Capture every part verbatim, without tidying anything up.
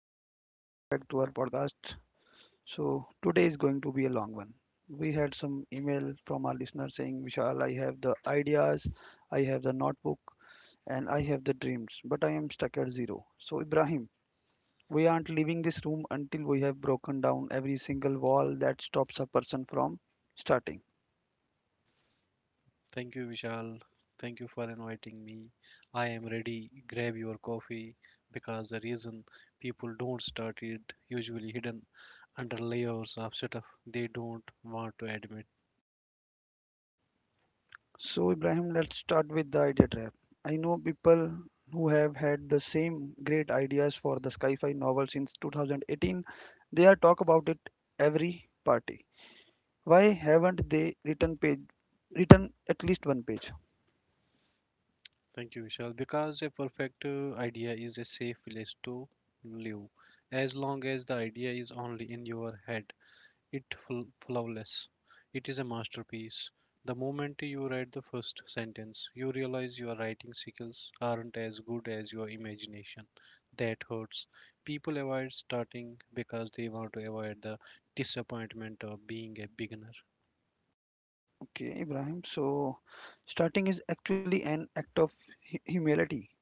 Hello and welcome back to our podcast. So today is going to be a long one. We had some email from our listener saying, Vishal, I have the ideas, I have the notebook, and I have the dreams, but I am stuck at zero. So Ibrahim, we aren't leaving this room until we have broken down every single wall that stops a person from starting. Thank you, Vishal. Thank you for inviting me. I am ready. Grab your coffee because the reason people don't start it usually hidden under layers of stuff they don't want to admit. So, Ibrahim, let's start with the idea trap. I know people who have had the same great ideas for the sci-fi novel since two thousand eighteen. They are talk about it every party. Why haven't they written page written at least one page? Thank you, Vishal. Because a perfect uh, idea is a safe place to live as long as the idea is only in your head. It flawless. It is a masterpiece. The moment you write the first sentence, you realize your writing skills aren't as good as your imagination. That hurts. People avoid starting because they want to avoid the disappointment of being a beginner. Okay, Ibrahim. So, starting is actually an act of hu- humility.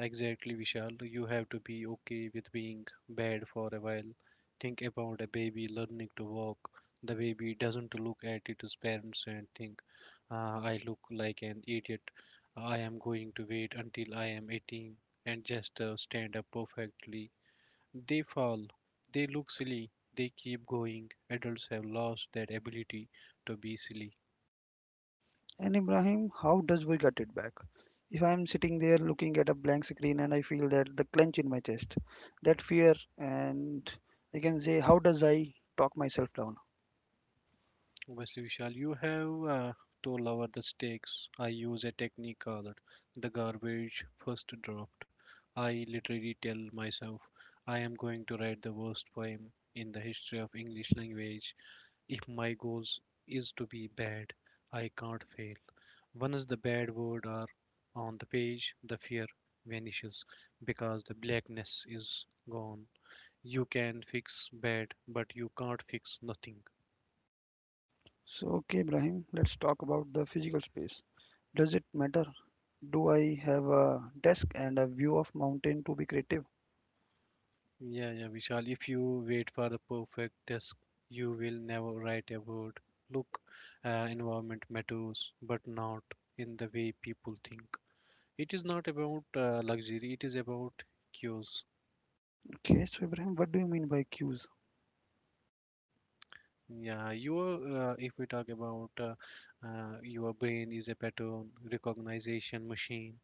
Exactly, Vishal. You have to be okay with being bad for a while. Think about a baby learning to walk. The baby doesn't look at its parents and think, "Ah, I look like an idiot. I am going to wait until I am eighteen and just uh, stand up perfectly. They fall. They look silly. They keep going. Adults have lost that ability to be silly. And Ibrahim, how does we get it back? If I'm sitting there looking at a blank screen and I feel that the clench in my chest, that fear, and I can say, how does I talk myself down? Obviously, Vishal, you have uh, to lower the stakes. I use a technique called the garbage first draft. I literally tell myself I am going to write the worst poem in the history of English language. If my goals is to be bad, I can't fail. Once the bad word are on the page, the fear vanishes because the blackness is gone. You can fix bad, but you can't fix nothing. So, okay, Ibrahim, let's talk about the physical space. Does it matter? Do I have a desk and a view of mountain to be creative? Yeah, yeah, Vishal. If you wait for the perfect test, you will never write a word. Look, uh, environment matters, but not in the way people think. It is not about uh, luxury, it is about cues. Okay, so Ibrahim, what do you mean by cues? Yeah, your uh, if we talk about uh, uh, Your brain is a pattern recognition machine.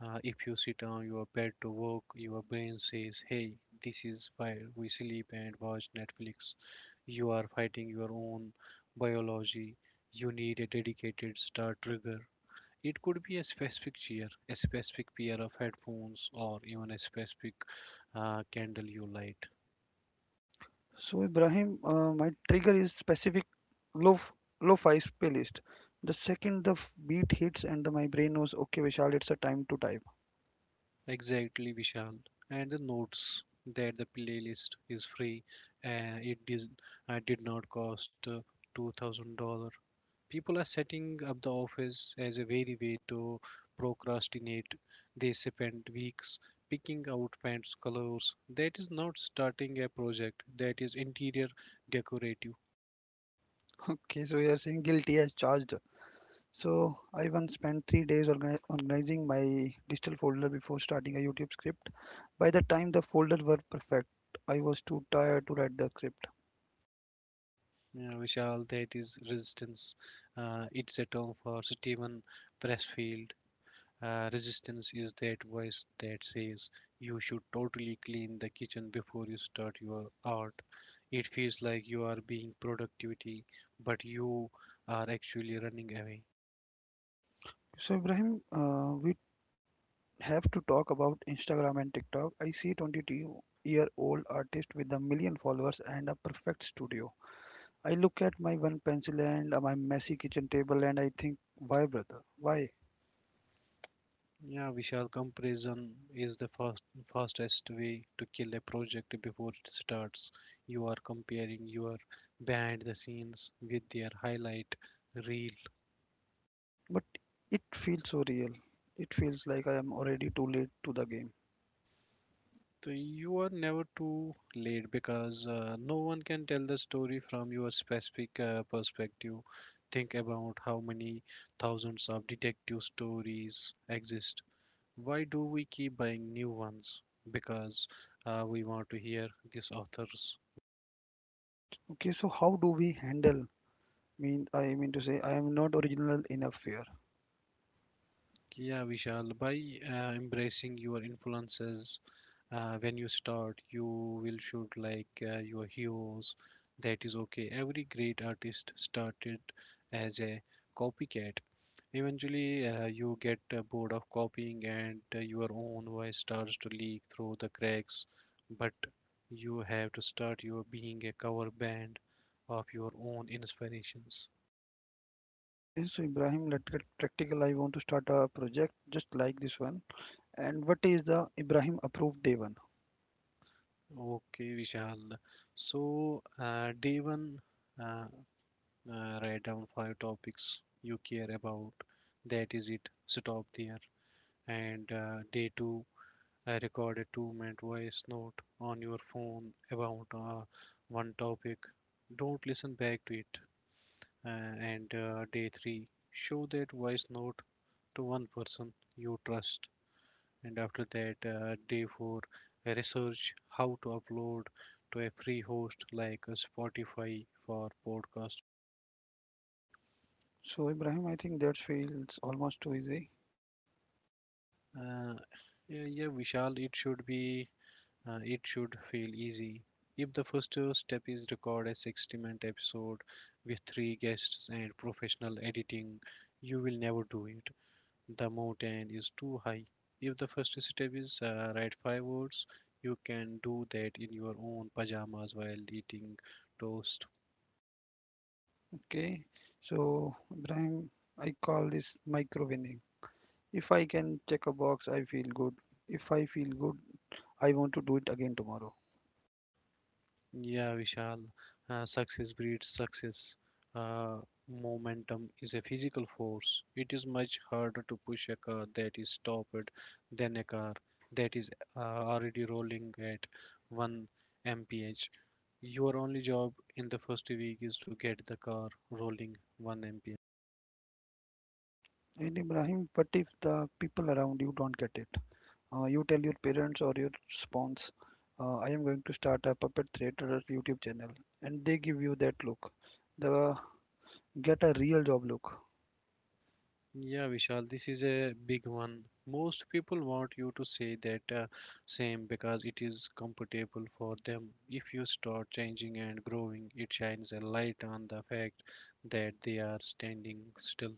Uh, if you sit on your bed to work, your brain says, "Hey, this is where we sleep and watch Netflix." You are fighting your own biology. You need a dedicated start trigger. It could be a specific chair, a specific pair of headphones, or even a specific uh, candle you light. So Ibrahim, uh, my trigger is specific low lo-fi playlist. The second the f- beat hits and the, my brain knows, okay, Vishal, it's a time to type. Exactly, Vishal. And the notes that the playlist is free. Uh, it did, uh, did not cost uh, two thousand dollars. People are setting up the office as a very way to procrastinate. They spend weeks picking out pants colors. That is not starting a project. That is interior decorative. Okay, so you're saying guilty as charged. So I once spent three days organi- organizing my digital folder before starting a YouTube script. By the time the folder were perfect, I was too tired to write the script. Uh, Vishal, that is resistance. Uh, it's a term for Stephen Pressfield. Uh, resistance is that voice that says you should totally clean the kitchen before you start your art. It feels like you are being productivity, but you are actually running away. So Ibrahim, uh, we have to talk about Instagram and TikTok. I see twenty-two-year-old artist with a million followers and a perfect studio. I look at my one pencil and uh, my messy kitchen table and I think, why, brother? Why? Yeah, Vishal, comparison is the fast, fastest way to kill a project before it starts. You are comparing your behind the scenes with their highlight reel. But it feels so real. It feels like I am already too late to the game. So you are never too late because uh, no one can tell the story from your specific uh, perspective. Think about how many thousands of detective stories exist. Why do we keep buying new ones? Because uh, we want to hear this author's. Okay, so how do we handle? Mean I mean to say I am not original enough here. Yeah, Vishal, by uh, embracing your influences, uh, when you start, you will shoot like uh, your heroes. That is okay. Every great artist started as a copycat. Eventually, uh, you get uh, bored of copying, and uh, your own voice starts to leak through the cracks. But you have to start your being a cover band of your own inspirations. Okay, so Ibrahim, let's get practical. I want to start a project just like this one. And what is the Ibrahim approved day one? Okay, Vishal. So, uh, day one, uh, uh, write down five topics you care about. That is it. Stop there. And uh, day two, I record a two-minute voice note on your phone about uh, one topic. Don't listen back to it. Uh, and uh, day three, show that voice note to one person you trust, and after that uh, day four, research how to upload to a free host like uh, spotify for podcast. So Ibrahim, I think that feels almost too easy. uh, yeah, yeah, vishal, it should be, uh, it should feel easy. If the first uh, step is record a sixty minute episode with three guests and professional editing, you will never do it. The mountain is too high. If the first step is uh, write five words, you can do that in your own pajamas while eating toast. Okay. So Ibrahim, I call this micro winning. If I can check a box, I feel good. If I feel good, I want to do it again tomorrow. Yeah, Vishal, uh, success breeds success. Uh, momentum is a physical force. It is much harder to push a car that is stopped than a car that is uh, already rolling at one mile per hour. Your only job in the first week is to get the car rolling one mile per hour. And Ibrahim, but if the people around you don't get it, uh, you tell your parents or your spouse, uh, I am going to start a puppet theater YouTube channel, and they give you that look, the get a real job look. Yeah, Vishal, this is a big one. Most people want you to say that uh, same because it is comfortable for them. If you start changing and growing, it shines a light on the fact that they are standing still.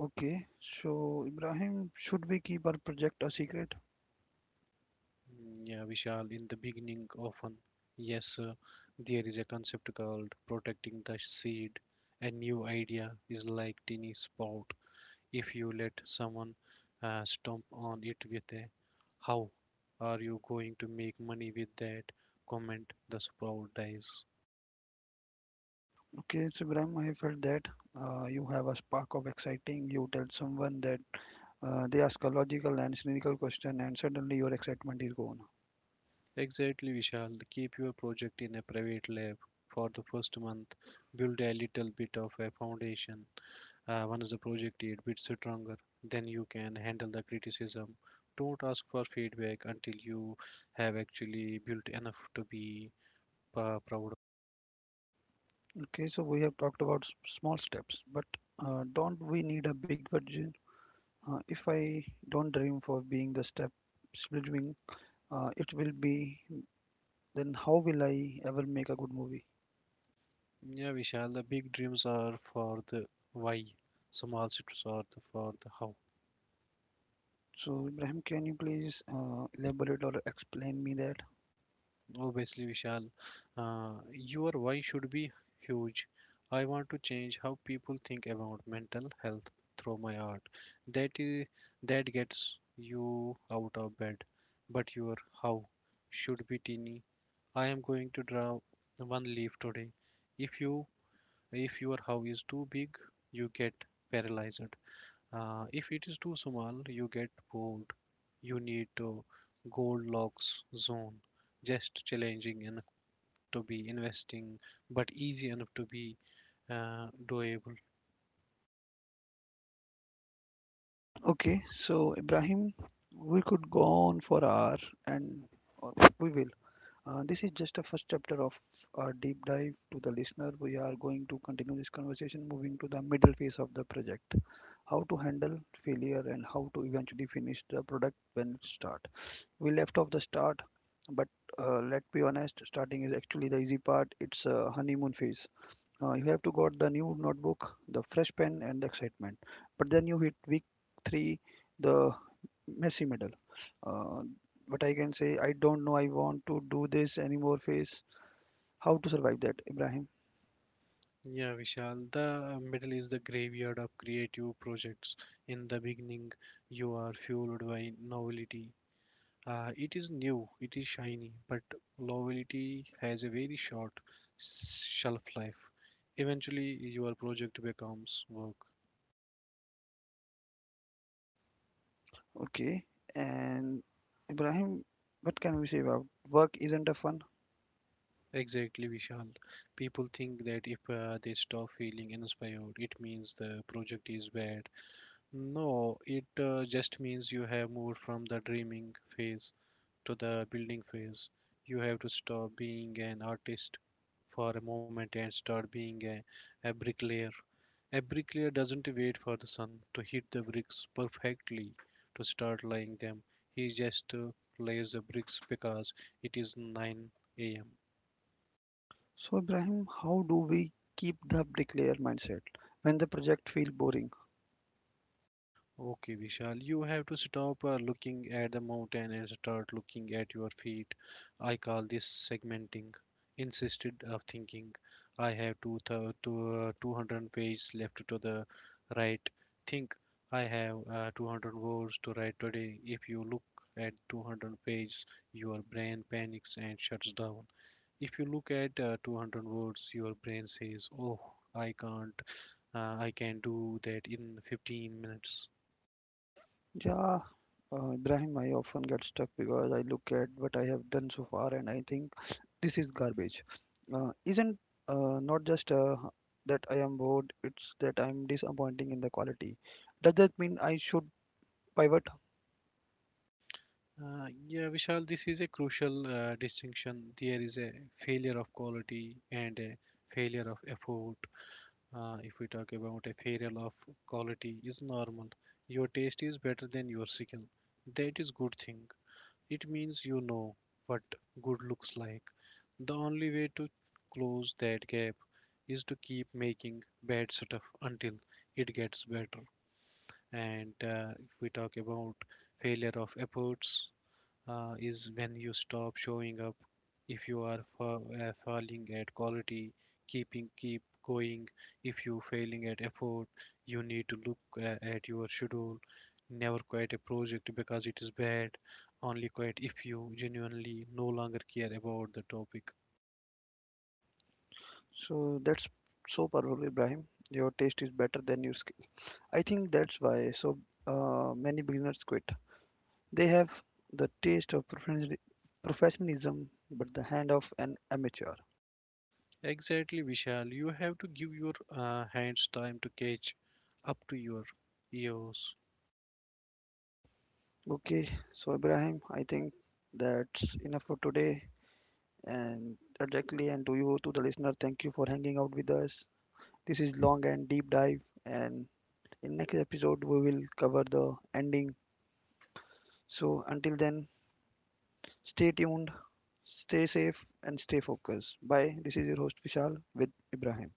Okay. So Ibrahim, should we keep our project a secret? Mm, yeah, Vishal, in the beginning, often, yes, uh, there is a concept called protecting the seed. A new idea is like tiny sprout. If you let someone uh, stomp on it with a "how are you going to make money with that" comment, the sprout dies. Okay, Shubhram, I felt that uh, you have a spark of exciting. You tell someone that uh, they ask a logical and cynical question, and suddenly your excitement is gone. Exactly, Vishal. Keep your project in a private lab for the first month. Build a little bit of a foundation. Uh, once the project is a bit stronger, then you can handle the criticism. Don't ask for feedback until you have actually built enough to be uh, proud. Okay, so we have talked about s- small steps, but uh, don't we need a big vision? Uh, if I don't dream for being the step between uh, it will be, then how will I ever make a good movie? Yeah, Vishal, the big dreams are for the why, small cities are the, for the how. So, Ibrahim, can you please uh, elaborate or explain me that? Obviously, Vishal, uh, your why should be huge. I want to change how people think about mental health through my art. That is, that gets you out of bed, but your how should be teeny. I am going to draw one leaf today. If you if your how is too big, you get paralyzed. Uh, if it is too small, you get bored. You need to Goldilocks zone, just challenging enough to be investing, but easy enough to be uh, doable. Okay, so Ibrahim, we could go on for hour and or we will. Uh, this is just a first chapter of our deep dive to the listener. We are going to continue this conversation moving to the middle phase of the project. How to handle failure and how to eventually finish the product when it start. We left off the start, but uh, let's be honest, starting is actually the easy part. It's a honeymoon phase. Uh, you have to got the new notebook, the fresh pen, and the excitement. But then you hit week three, the messy middle. Uh, but I can say, I don't know, I want to do this anymore phase. How to survive that, Ibrahim? Yeah, Vishal, the middle is the graveyard of creative projects. In the beginning, you are fueled by novelty. Uh, it is new, it is shiny, but novelty has a very short shelf life. Eventually, your project becomes work. Okay. And Ibrahim, what can we say about work isn't a fun? Exactly, Vishal. People think that if uh, they stop feeling inspired, it means the project is bad. No, it uh, just means you have moved from the dreaming phase to the building phase. You have to stop being an artist for a moment and start being a, a bricklayer. A bricklayer doesn't wait for the sun to hit the bricks perfectly to start laying them. He just uh, lays the bricks because it is nine a m. So, Ibrahim, how do we keep the bricklayer mindset when the project feel boring? Okay, Vishal, you have to stop uh, looking at the mountain and start looking at your feet. I call this segmenting, insisted of thinking. I have two thou- two, uh, two hundred pages left to the right. Think I have uh, two hundred words to write today. If you look at two hundred pages, your brain panics and shuts down. If you look at uh, two hundred words, your brain says, "Oh, I can't. Uh, I can do that in fifteen minutes." Yeah, uh, Ibrahim, I often get stuck because I look at what I have done so far and I think this is garbage. Uh, isn't uh, not just uh, that I am bored, it's that I'm disappointing in the quality. Does that mean I should pivot? Uh, yeah, Vishal, this is a crucial uh, distinction. There is a failure of quality and a failure of effort. Uh, if we talk about a failure of quality, is normal. Your taste is better than your skill. That is good thing. It means you know what good looks like. The only way to close that gap is to keep making bad stuff until it gets better. And uh, if we talk about failure of efforts, uh, is when you stop showing up. If you are fa- uh, failing at quality, keeping keep going. If you failing at effort, you need to look uh, at your schedule. Never quit a project because it is bad. Only quit if you genuinely no longer care about the topic. So that's so powerful, Ibrahim. Your taste is better than your skill. I think that's why so uh, many beginners quit. They have the taste of professionalism, professionalism but the hand of an amateur. Exactly, Vishal. You have to give your uh, hands time to catch up to your ears. Okay, so Ibrahim, I think that's enough for today. And directly, and to you, to the listener, thank you for hanging out with us. This is long and deep dive, and in next episode we will cover the ending. So until then, stay tuned, stay safe, and stay focused. Bye. This is your host Vishal with Ibrahim.